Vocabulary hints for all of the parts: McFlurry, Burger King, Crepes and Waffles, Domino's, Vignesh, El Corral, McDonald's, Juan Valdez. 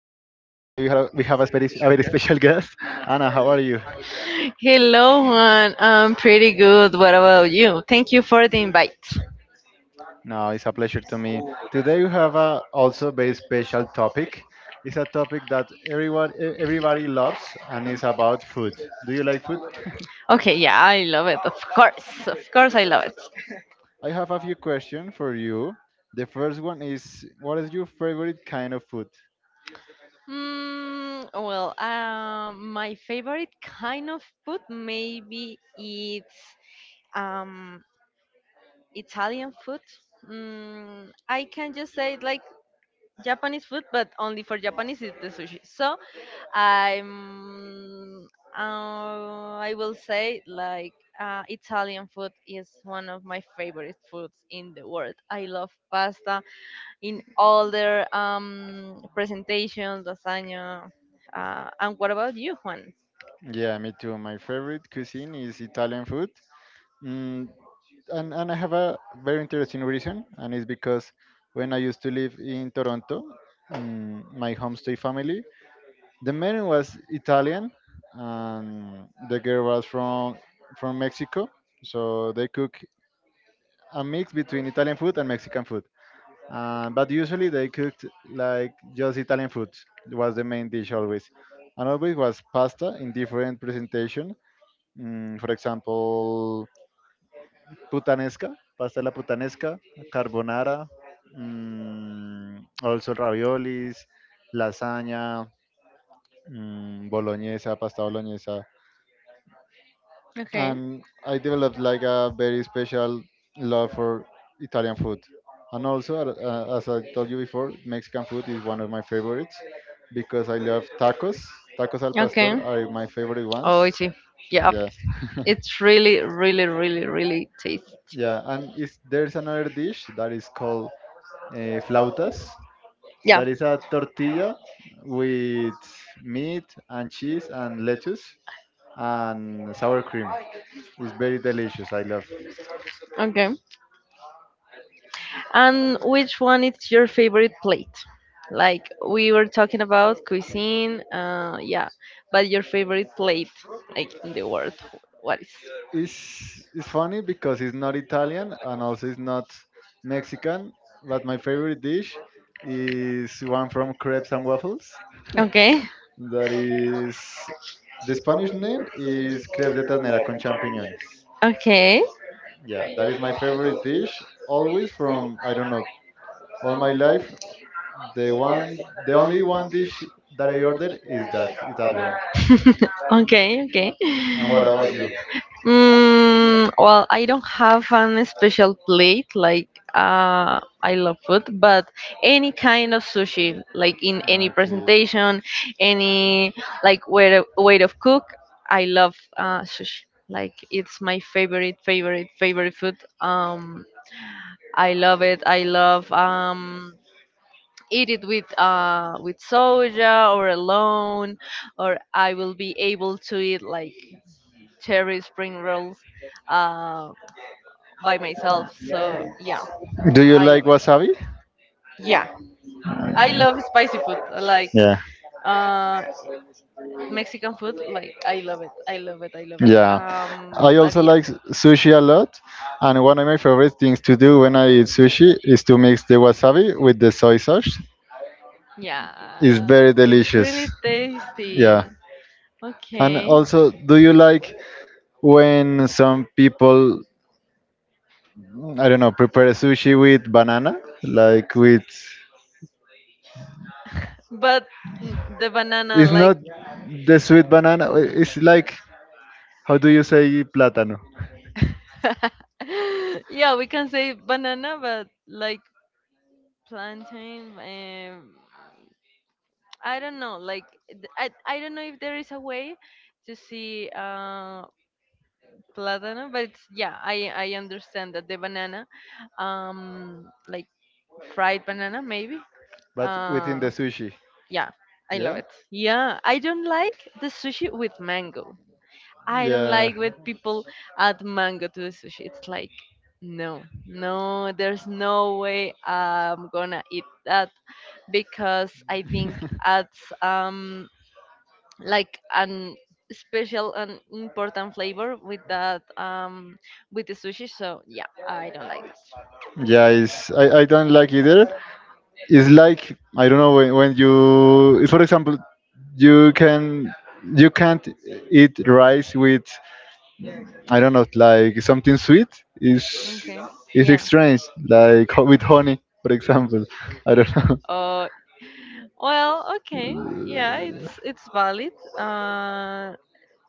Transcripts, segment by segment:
a, we have a, speri- a very special guest. Anna, how are you? Hello, Juan. I'm pretty good. What about you? Thank you for the invite. No, it's a pleasure to me. Today we have a, also a very special topic. It's a topic that everybody loves and it's about food. Do you like food? Okay, yeah, I love it. Of course, I love it. I have a few questions for you. The first one is what is your favorite kind of food? My favorite kind of food maybe it's um Italian food. Mm, I can just say like Japanese food, but only for Japanese is the sushi. I'm I will say like Italian food is one of my favorite foods in the world. I love pasta in all their presentations, lasagna. And what about you, Juan? Yeah, me too. My favorite cuisine is Italian food. Mm, and I have a very interesting reason, and it's because when I used to live in Toronto, my homestay family, the man was Italian, and the girl was from Mexico, so they cook a mix between Italian food and Mexican food. But usually they cooked like just Italian food was the main dish always, and always was pasta in different presentation. For example, putanesca, pasta de la putanesca, carbonara, also raviolis, lasagna, boloñesa, pasta bolognese. Okay. And I developed like a very special love for Italian food. And also, as I told you before, Mexican food is one of my favorites because I love tacos. Tacos al Okay. pastor are my favorite Oh, I ones. see. Yeah, Yeah, it's really, really, really, really tasty. yeah. And there's another dish that is called flautas. Yeah. That is a tortilla with meat and cheese and lettuce and sour cream. It's very delicious. I love. Okay. And which one is your favorite plate? Like, we were talking about cuisine, yeah, but your favorite plate, like in the world, what is? It's funny because it's not Italian and also it's not Mexican. But my favorite dish is one from Crepes and Waffles. Okay. That is The Spanish name is crepes de ternera con champiñones. Okay. Yeah, that is my favorite dish always from, I don't know, all my life. The only one dish that I ordered is that one. Okay. Okay. And what about you? I don't have an special plate. Like, uh, I love food, but any kind of sushi, like in any Okay. presentation, any like way of cook, I love sushi. Like, it's my favorite, favorite, favorite food. I love it. I love eat it with soja or alone, or I will be able to eat like cherry spring rolls. Um, by myself. So yeah, Do you I like love it. wasabi? Yeah, I love spicy food. Like Yeah. uh, Mexican food. Like, I love it. I love it. I love it. Yeah, I But also yeah, like sushi a lot, and one of my favorite things to do when I eat sushi is to mix the wasabi with the soy sauce. It's yeah, very it's really delicious. Yeah, tasty. and Okay, also, do you like when some people, I don't know, prepare sushi with banana, like with? but mm, the banana, It's like not the sweet banana. It's like, how do you say plátano? yeah, we can say banana, but like plantain. I don't know. Like I don't know if there is a way to see platano, but it's, yeah, I understand that the banana, like fried banana maybe. Within Uh, the sushi, I, yeah, I love yeah? it. Yeah, I don't like the sushi with mango. Know. I. I don't Yeah. like Tried when at. people add mango to the sushi. It's like no, no, there's no way I'm gonna eat that because I think adds um like an special and important flavor with that with the sushi, so yeah, I don't like Yeah, I don't like either. It's like, I don't know, when, you, for example, you can you can't eat rice with, I don't know, like something sweet. is it. Okay. is Yeah. strange. Like, with honey, for example. I don't know. Uh well okay, yeah, it's valid. uh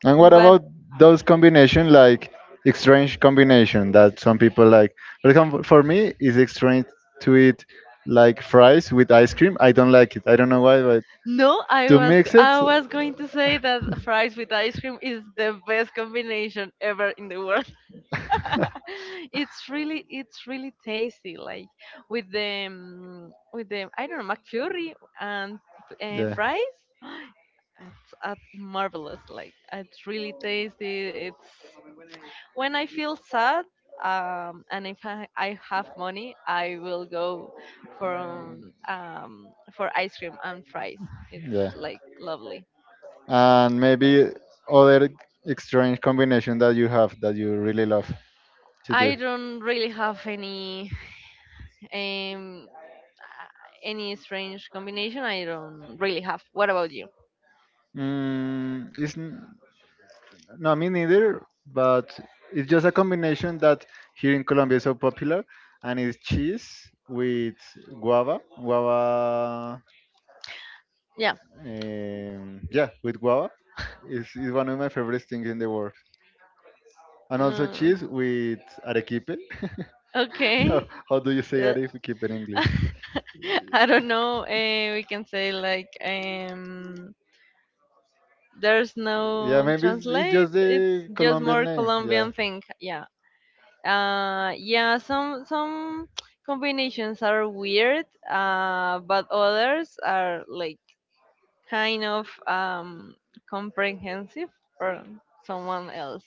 And what but about those combination, like strange combination that some people like? For example, for me, it's strange to eat like fries with ice cream. I don't like it. I don't know why, but no, to mix it, I was going to say that fries with ice cream is the best combination ever in the world. It's really, it's really tasty, like with the with the, I don't know, McFlurry and yeah. fries. It's marvelous. Like it's really tasty. It's when I feel sad and if I, I have money, I will go for ice cream and fries. It's Yeah. like lovely. And maybe other strange combination that you have that you really love to do. I don't really have any um uh, any strange combination. I don't really have. What about you? Mm, it's n- no, me neither. But it's just a combination that here in Colombia is so popular, and it's cheese with guava, guava. Yeah. Yeah, with guava. It's is one of my favorite things in the world, and also Mm, cheese with arequipe. how, okay. how do you say Uh, Arif? Keep in English. I don't know. We can say like there's Yeah, no maybe it's translate. just It's the just Colombian more name. Yeah. Colombian thing. Yeah. Yeah. Some combinations are weird. But others are like kind of comprehensive for someone else.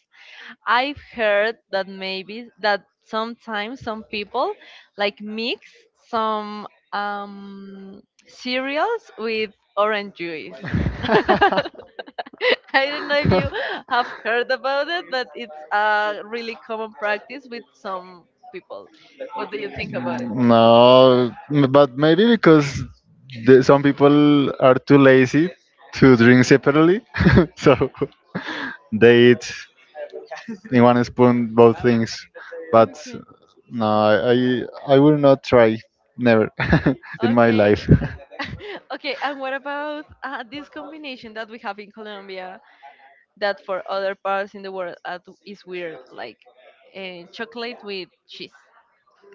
I've heard that maybe that sometimes some people like mix some cereals with orange juice. I don't know if you have heard about it, but it's a really common practice with some people. What do you think about it? No, but maybe because some people are too lazy to drink separately, so they eat in one spoon both things. But Okay. no, I will not try never in my Okay. life. Okay, and what about this combination that we have in Colombia, that for other parts in the world is weird, like chocolate with cheese.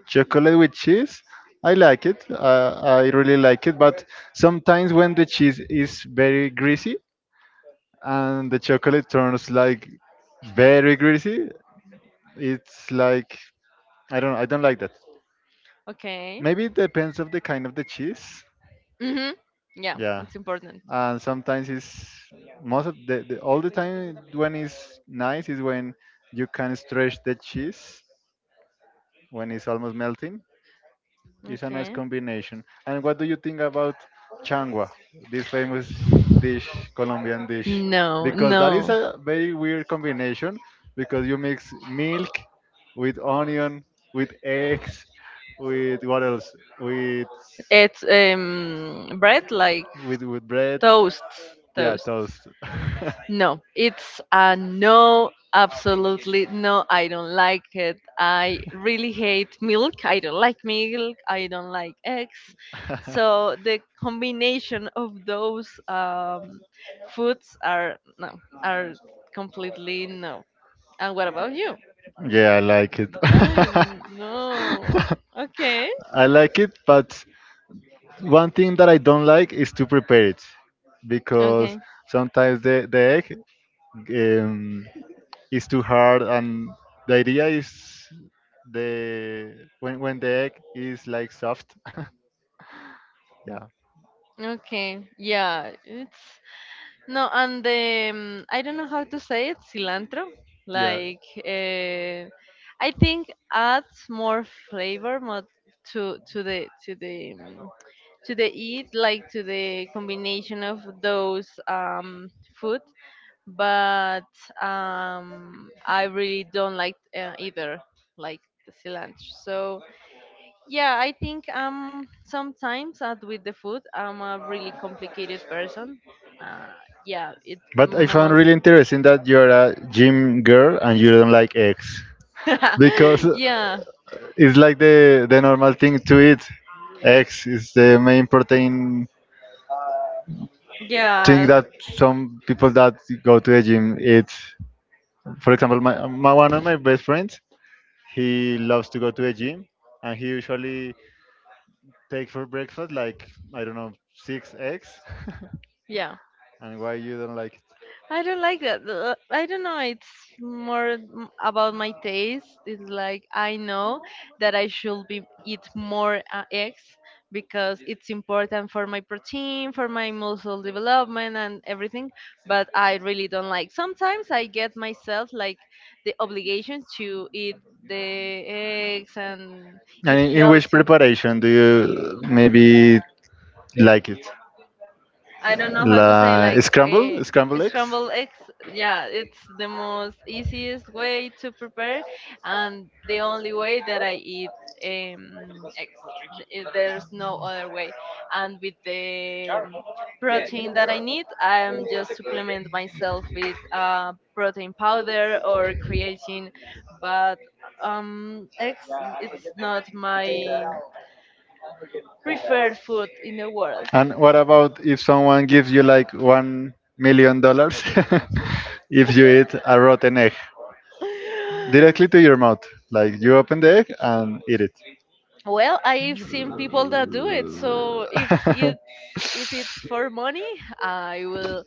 Chocolate with cheese, I like it. I really like it. But sometimes when the cheese is very greasy and the chocolate turns like very greasy, it's like I don't like that. Okay. Maybe it depends of the kind of the cheese. Mhm. Yeah, Yeah. it's important. And sometimes it's most of the, all the time, when it's nice, is when you can stretch the cheese, when it's almost melting. It's a nice Okay. combination. And what do you think about changua, this famous dish, Colombian dish, No, because that is no. a very weird combination, because you mix milk with onion, with eggs, with what else, with It's bread like with with bread. toasts, Yeah, toast. toast. No, it's a no, absolutely no. I don't like it. I really hate milk. I don't like milk. I don't like eggs. So the combination of those foods are no, are completely no. And what about you? Yeah, I like it. I no. Okay. I like it, but one thing that I don't like is to prepare it, because Okay. sometimes the egg, um, is too hard, and the idea is the when the egg is like soft. Yeah, Okay. Yeah, it's no, and the I don't know how to say it, cilantro. yeah. Like I think adds more flavor, more to to the eat, like to the combination of those food. But I really don't like either, like the cilantro. So yeah, I think sometimes with the food I'm a really complicated person. Uh, yeah, it But I found most. really interesting that you're a gym girl and you don't like eggs, because Yeah, it's like the normal thing to eat. Eggs is the main protein thing yeah, that some people that go to the gym eat. For example, my one of my best friends, he loves to go to the gym, and he usually takes for breakfast, like, I don't know, six eggs. yeah. And why you don't like it? I don't like that. I don't know. It's more about my taste. It's like I know that I should be eat more eggs because it's important for my protein, for my muscle development, and everything. But I really don't like. Sometimes I get myself like the obligation to eat the eggs and And eat in which healthy. preparation do you maybe like it? I don't know how to say Like like scramble, scramble eggs. scrambled eggs. Yeah, it's the most easiest way to prepare, and the only way that I eat eggs. There's no other way. And with the protein that I need, I'm just supplement myself with protein powder or creatine. But eggs, it's not my preferred food in the world. And what about if someone gives you like $1 million if you eat a rotten egg directly to your mouth? Like you open the egg and eat it. Well, I've seen people that do it. So if it's, if it's for money, I will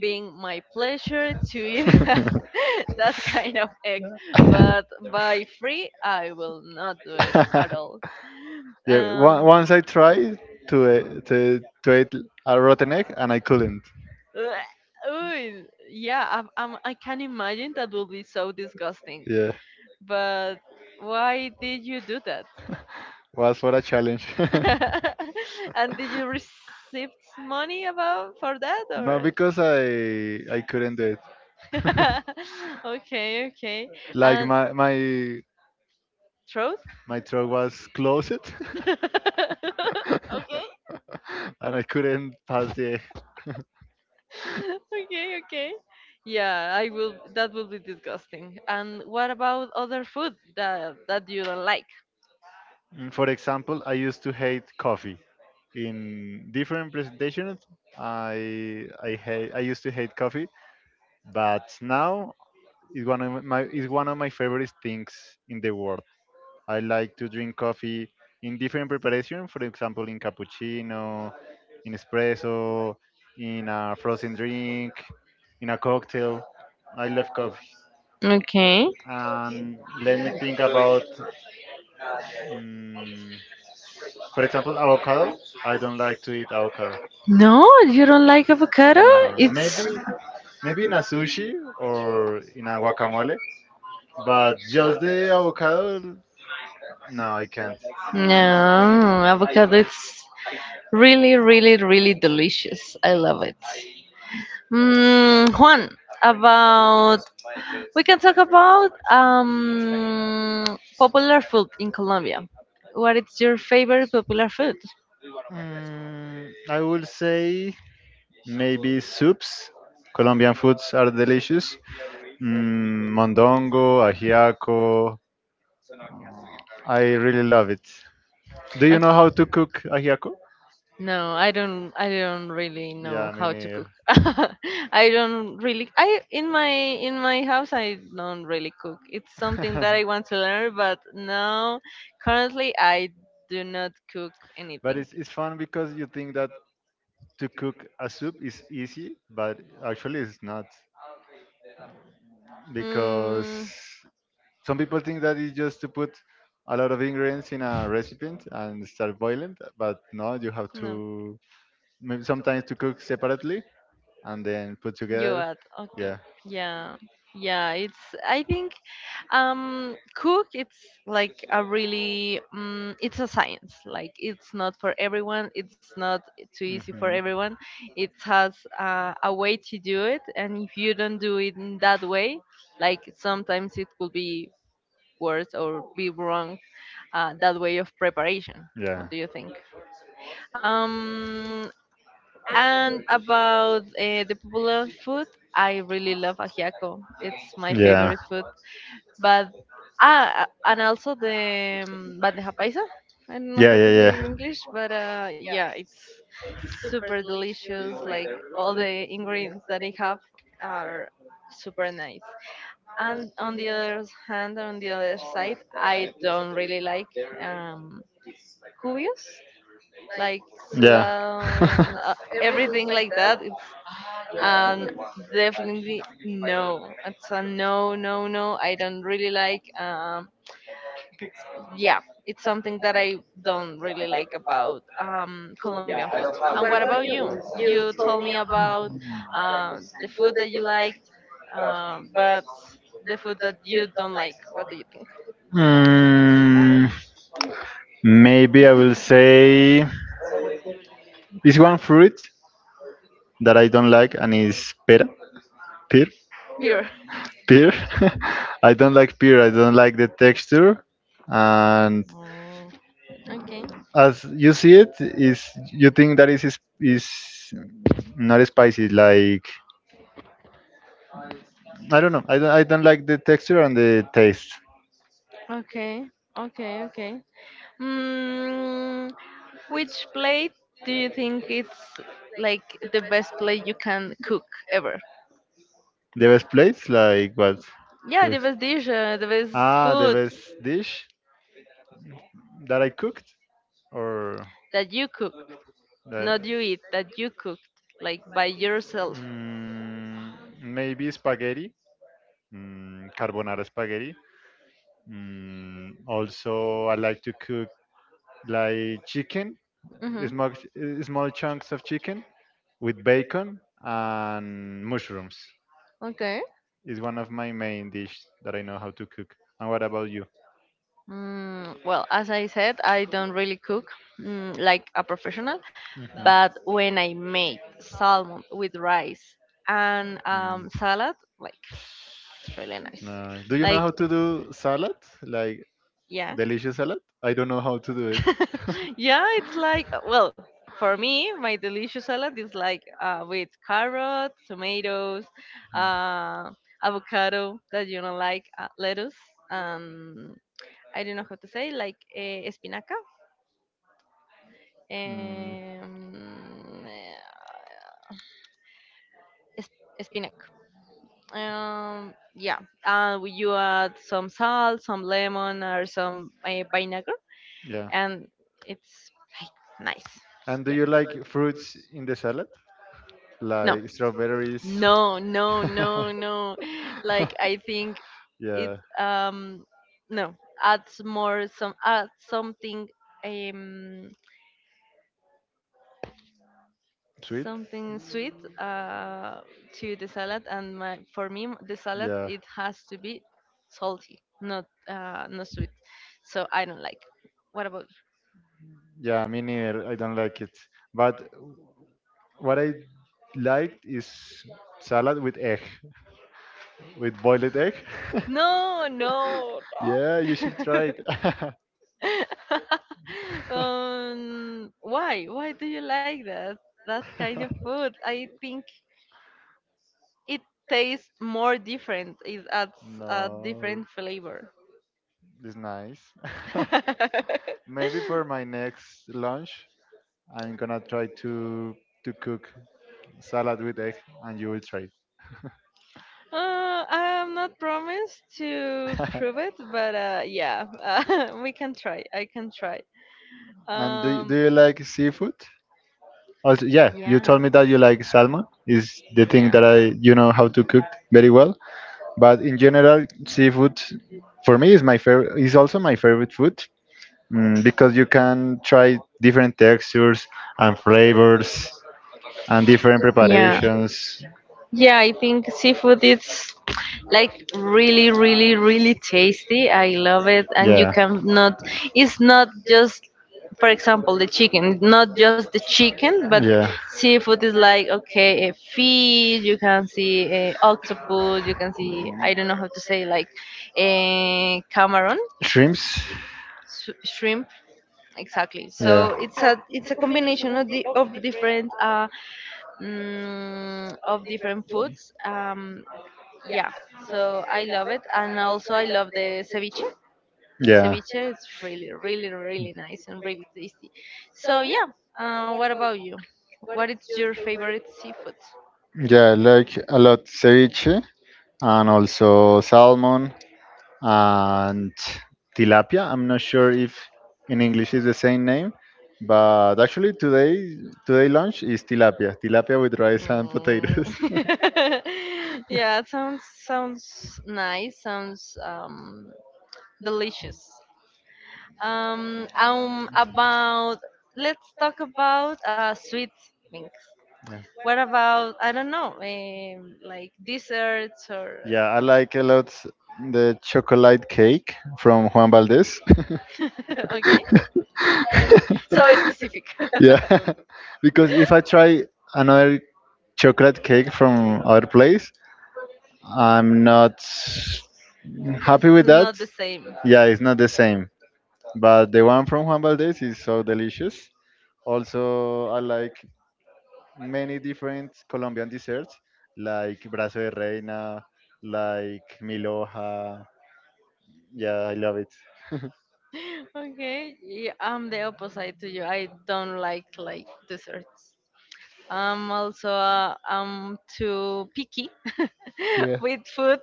being my pleasure to eat that kind of egg. But by free, I will not do it at all. Yeah, Um, once I tried to eat a rotten egg and I couldn't. Ugh, ooh, yeah, I can imagine that will be so disgusting. Yeah, But why did you do that? was for a challenge. And did you receive money about for that No, or? because I couldn't do it. Okay, okay. Like And my my truth? my throat was closed Okay. and I couldn't pass the. Okay, okay. Yeah, I will, that will be disgusting. And what about other food that that you don't like? For example, I used to hate coffee in different presentations. I used to hate coffee, but now it's one of my favorite things in the world. I like to drink coffee in different preparation. For example, in cappuccino, in espresso, in a frozen drink, in a cocktail. I love coffee. Okay. And let me think about, mm for example, avocado. I don't like to eat avocado. No, you don't like avocado? No, It's maybe in a sushi or in a guacamole, but just the avocado, no, I can't. no, avocado it's really, really, really delicious. I love it. Mm, Juan, about, we can talk about popular food in Colombia. What is your favorite popular food? I will say maybe soups. Colombian foods are delicious. Mondongo, ajiaco. I really love it. Do Uh, you know how to cook ajiaco? No, I don't. I don't really know Yeah, me how to neither. cook. I don't really. I in my house I don't really cook. It's something that I want to learn, but now currently I do not cook But anything. it's fun because you think that to cook a soup is easy, but actually it's not. Hmm, Because some people think that it's just to put a lot of ingredients in a recipient and start boiling, but no, you have no. to maybe sometimes to cook separately and then put You together. add. Okay. Yeah. Yeah. Yeah, it's I think cook it's like a really it's a science. Like, it's not for everyone, it's not too easy for Hmm. everyone. It has a way to do it, and if you don't do it in that way, like sometimes it could be worse or be wrong that way of preparation. Yeah. What do you think? Um, and about the popular food, I really love ajiaco. It's my favorite food. But and also the bandeja paisa. I don't know Yeah, how yeah, to yeah. say in English, but yeah, it's super delicious. Like all the ingredients that I have are super nice. And on the other hand, on the other side, I don't really like um, cubios, like Yeah. suave everything like that. It's and definitely no. It's a no, no, no. I don't really like. Yeah, it's something that I don't really like about Colombian food. And what about you? You told me about the food that you liked, but the food that you don't like. What do you think? mm, Maybe I will say this one fruit that I don't like, and is pera. Pure. Pear. I don't like pear. I don't like the texture. And Mm, okay. as you see it, is you think that is not spicy. Like, I don't know. I don't like the texture and the taste. Okay. Okay. Okay. Mm, which plate do you think it's like the best plate you can cook ever? The best place, like what? Yeah, For the best dish, the best Ah, the food best dish that I cooked or that you cook, that. not you eat, that you cooked, like by yourself. Mm, Maybe spaghetti. Carbonara spaghetti. Also, I like to cook like chicken, Hmm. small, small chunks of chicken with bacon and mushrooms. Okay. Is one of my main dish that I know how to cook. And what about you? Well, as I said, I don't really cook like a professional, Mhm. but when I make salmon with rice and Mm. Salad, like, it's really nice. No. Do you know Like, how to do salad? Like yeah, delicious salad? I don't know how to do it. yeah, it's like well, for me, my delicious salad is like with carrot, tomatoes, Mm. uh, avocado that you don't like, lettuce, um, I don't know how to say, like espinaca, Mm, um, uh, spinach. Um, yeah, you add some salt, some lemon, or some vinegar, yeah. and it's like nice. And do Yeah. you like fruits in the salad? No, Like strawberries? no, no, no, no. Like I think it Yeah. um no adds more, some add something um Sweet? something sweet Mm, uh, to the salad, and my for me the salad Yeah. it has to be salty, not not sweet, so I don't like. What about Yeah, me neither. I don't like it. But what I liked is salad with egg, with boiled egg. you? No, no, no. Yeah, you should try it. Um, why do you like that that kind of food? I think it tastes more different, it adds a No, different flavor. it's nice. Maybe for my next lunch, I'm gonna try to cook salad with egg, and you will try it. I'm not promised to prove it, but yeah, we can try. I can try. And do Um, you like seafood? Also, yeah, you yeah, told me that you like salmon is the thing that I yeah. you know how to cook very well. But in general, seafood for me is my favorite. Is also my favorite food, because you can try different textures and flavors and different Yeah. preparations. Yeah, I think seafood is like really, really, really tasty. I love it, and you Yeah. cannot. It's not just for example the chicken, not just the chicken, but seafood is like okay a fish you can see, a octopus you can see, I don't know how to say like a camaron, Shrimps? Shrimp. sh- shrimp, exactly. Yeah. So it's a, it's a combination of the of different of different foods, yeah, so I love it. And also I love the ceviche, ceviche. It's really, really, really nice and really tasty. So yeah, what about you? What is your favorite seafood? Amazing. Yeah, I like a lot ceviche and also salmon. And tilapia. I'm not sure if in English is the same name, but actually today lunch is tilapia, tilapia with rice and Mm. potatoes. Yeah, it sounds, sounds nice. Sounds delicious. About let's talk about sweet things. Yeah. What about I don't know, like desserts or Yeah, I like a lot the chocolate cake from Juan Valdez. okay? So specific. Yeah, because if I try another chocolate cake from other place, I'm not It's happy with that. not the same. Yeah, it's not the same. But the one from Juan Valdez is so delicious. Also, I like many different Colombian desserts, like brazo de reina, like miloja. Yeah, I love it. Okay, yeah, I'm the opposite to you. I don't like desserts. I'm also I'm too picky with food.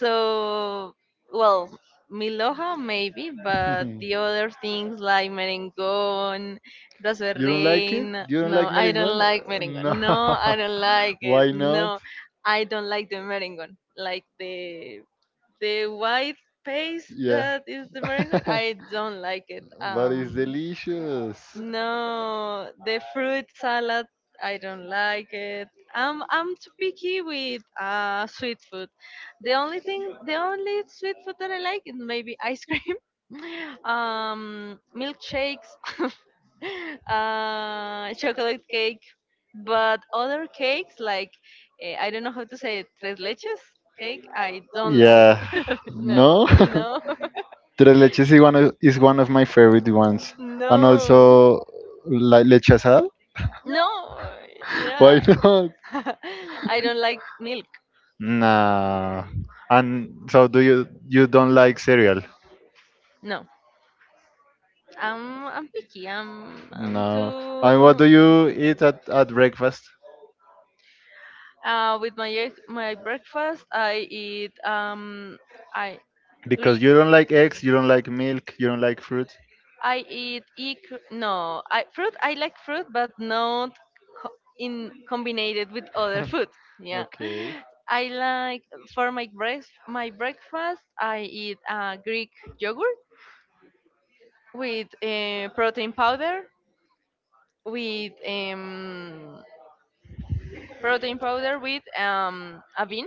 So, well, Miloja maybe, but the other things like merengón, brazo de You don't like it? reina. You don't like No, I don't merengue? like merengón. No. No, I don't like it. Why not? No, I don't like the merengón, like the The the white white paste. paste Yeah. that is the Is mango, not, I I don't don't like like it. it No, but it's um delicious. No. No, The the fruit fruit salad, salad I I don't don't like like it. it. I'm I'm i'm too picky picky with with sweet sweet food. food. The only sweet food that I like is maybe ice cream, milkshakes, chocolate cake, but other cakes like I don't know how to say it, tres leches cake. Cake, I I don't don't like. like. Yeah. It. No. No, No. no, Tres leches is is one of my favorite ones, and also no, like leche asada. no. Why Yeah, not? I don't like milk. Nah. And so do you don't like cereal? No, I'm picky. I'm No. And what do too. you eat at breakfast? With my breakfast, I eat I Because Greek you don't like eggs, you don't like milk, you don't like fruit. I eat no, fruit. I like fruit, but not in combined with other food. Yeah, Okay. I like for my breakfast. My breakfast, I eat Greek yogurt with protein powder, with protein powder with a bean,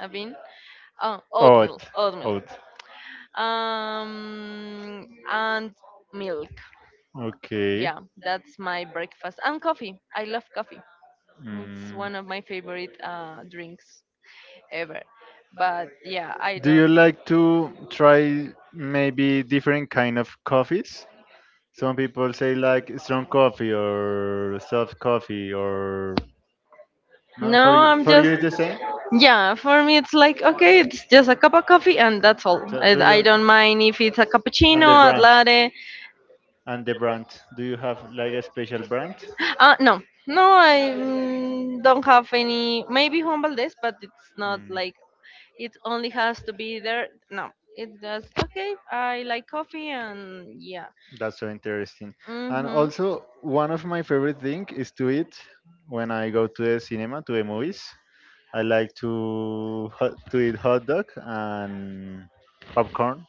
a bean, uh, Oh, oatmeal, Oat. oatmeal, Oat. And milk. Okay. Yeah, that's my breakfast and coffee. I love coffee. It's Mm. one of my favorite drinks ever. But yeah, I Do you don't. like to try maybe different kind of coffees? Some people say like strong coffee or soft coffee or no, No, I'm for just. you it's the same. Yeah, for me it's like okay, it's just a cup of coffee and that's all. So I, do you I don't mind if it's a and the cappuccino, a brand latte. and the brand? Do you have like a special brand? No, no, I don't have any. Maybe Juan Valdez, but it's not Mm, like it only has to be there. No, it's just okay. I like coffee and yeah. that's so interesting. And Mhm. also, one of my favorite thing is to eat when I go to the cinema to the movies. I like to eat hot dog and popcorn.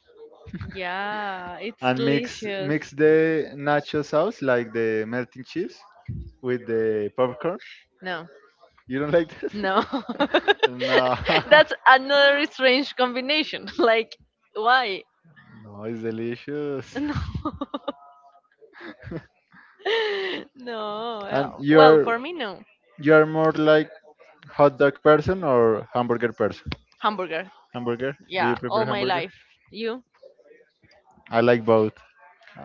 Yeah, it's And mix delicious. mix the nacho sauce like the melting chips with the popcorn. No, You don't like that? no. No, That's another strange combination. Like, why? no, it's delicious. No. No. And Well, well, for me, no. you are more like hot dog person or hamburger person? Hamburger. Hamburger? Do you Yeah, prefer all my hamburger? life. You? I like both.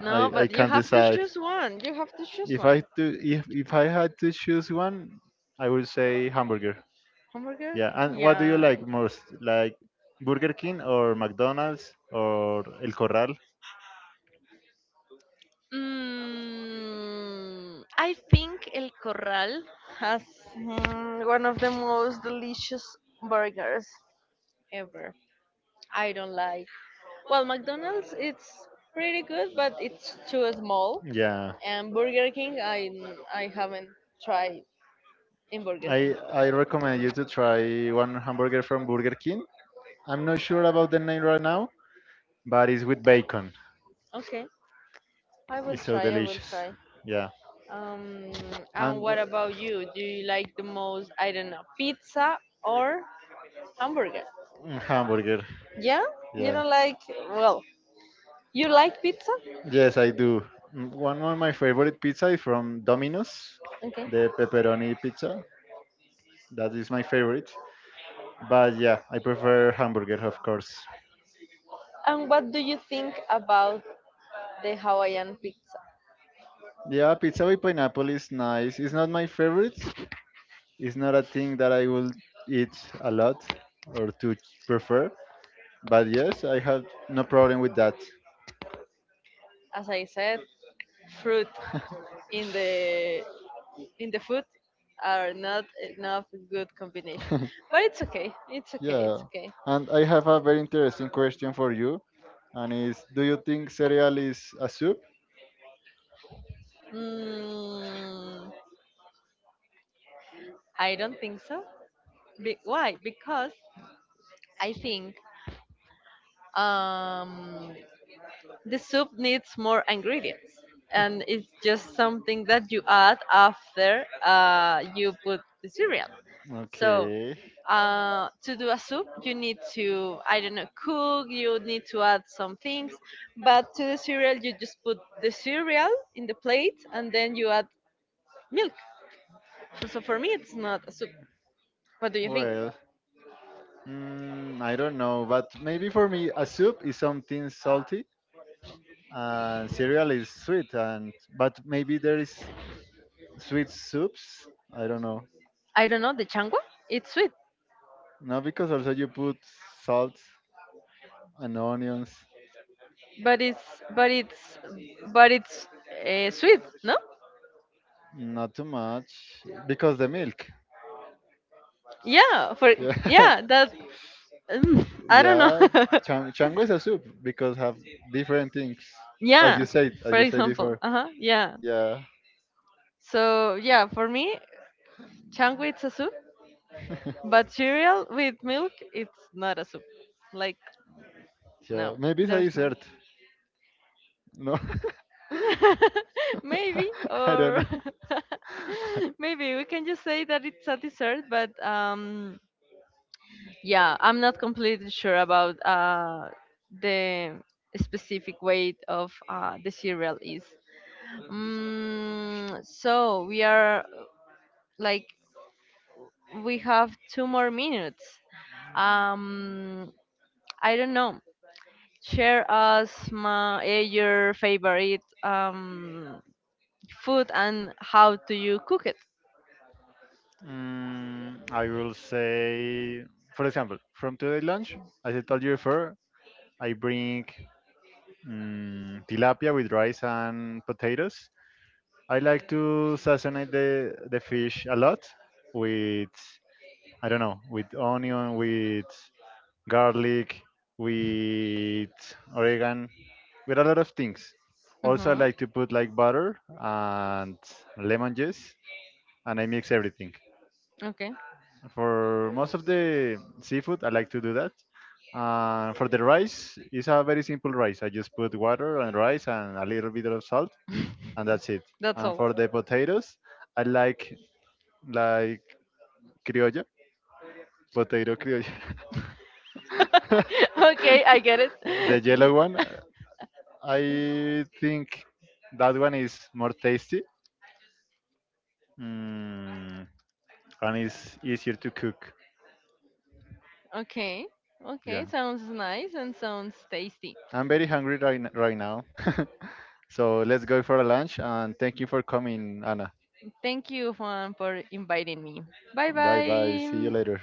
No, I but you can't have to decide. choose one. You have to choose one. If I had to choose one, I would say hamburger. Hamburger? Yeah. And what do you Yeah. like most? Like Burger King or McDonald's or El Corral? Mm, I think El Corral has one of the most delicious burgers ever. I don't like. Well, McDonald's it's pretty good, but it's too small. Yeah, And Burger King, I haven't tried in Burger King. I recommend you to try one hamburger from Burger King. I'm not sure about the name right now, but it's with bacon. Okay, I will It's so try. I will delicious. try. Yeah, Um, and and what about you? Do you like the most? I don't know, pizza or hamburger? mm, hamburger. Yeah, you Yeah. don't like well, you like pizza? Yes, I do. Mm, one of my favorite pizza is from Domino's, Okay. the pepperoni pizza. That is my favorite. But yeah, I prefer hamburger, of course. And what do you think about the Hawaiian pizza? Yeah, pizza with pineapple is nice. It's not my favorite. It's not a thing that I will eat a lot prefer. But yes, I have no problem with that. As I said, fruit in the in the food are not enough good combination. But it's okay. It's okay. It's Yeah. okay. And I have a very interesting question for you. And is do you think cereal is a soup? Mm, I don't think so. Why? Because I think um, the soup needs more ingredients, and it's just something that you add after you put the cereal. So Okay. To do a soup you need to I don't know cook, you need to add some things, but to the cereal you just put the cereal in the plate and then you add milk. So for me it's not a soup. What do you think? Well, mm, I don't know, but maybe for me, a soup is something salty, and cereal is sweet, and but maybe there is sweet soups. I don't know. I don't know, the changua it's sweet. No, because also you put salt and onions. But it's but it's but it's uh, sweet, no? Not too much because the milk. yeah for Yeah, yeah, I don't know. yeah. Chango is a soup because have different things, Yeah, as for you said example, before. uh-huh, yeah. Yeah, So yeah, for me, changui it's a soup, but cereal with milk it's not a soup. Like yeah. no, Maybe it's a there's no. dessert. No, Maybe, I don't or know. maybe we can just say that it's a dessert, but yeah, I'm not completely sure about the specific weight of the cereal is. Mm, so we are like we have 2 more minutes. Um, I don't know. Share us your favorite food and how do you cook it. Mm, I will say, for example, from today lunch, as I told you before, I bring mm, tilapia with rice and potatoes. I like to sazonate the fish a lot with, I don't know, with onion, with garlic, with oregano, with a lot of things. Also, I Hmm. like to put like butter and lemon juice, and I mix everything. Okay, For most of the seafood, I like to do that. For the rice, it's a very simple rice. I just put water and rice and a little bit of salt, and that's it. that's And all. for the potatoes, I like criolla, potato criolla, Okay, I get it. the yellow one. Uh, I think that one is more tasty mm, and it's easier to cook. Okay, okay, Yeah, sounds nice and sounds tasty. I'm very hungry right now. So let's go for a lunch and thank you for coming, Anna. Thank you, Juan, for inviting me. Bye Bye bye. See you bye. later.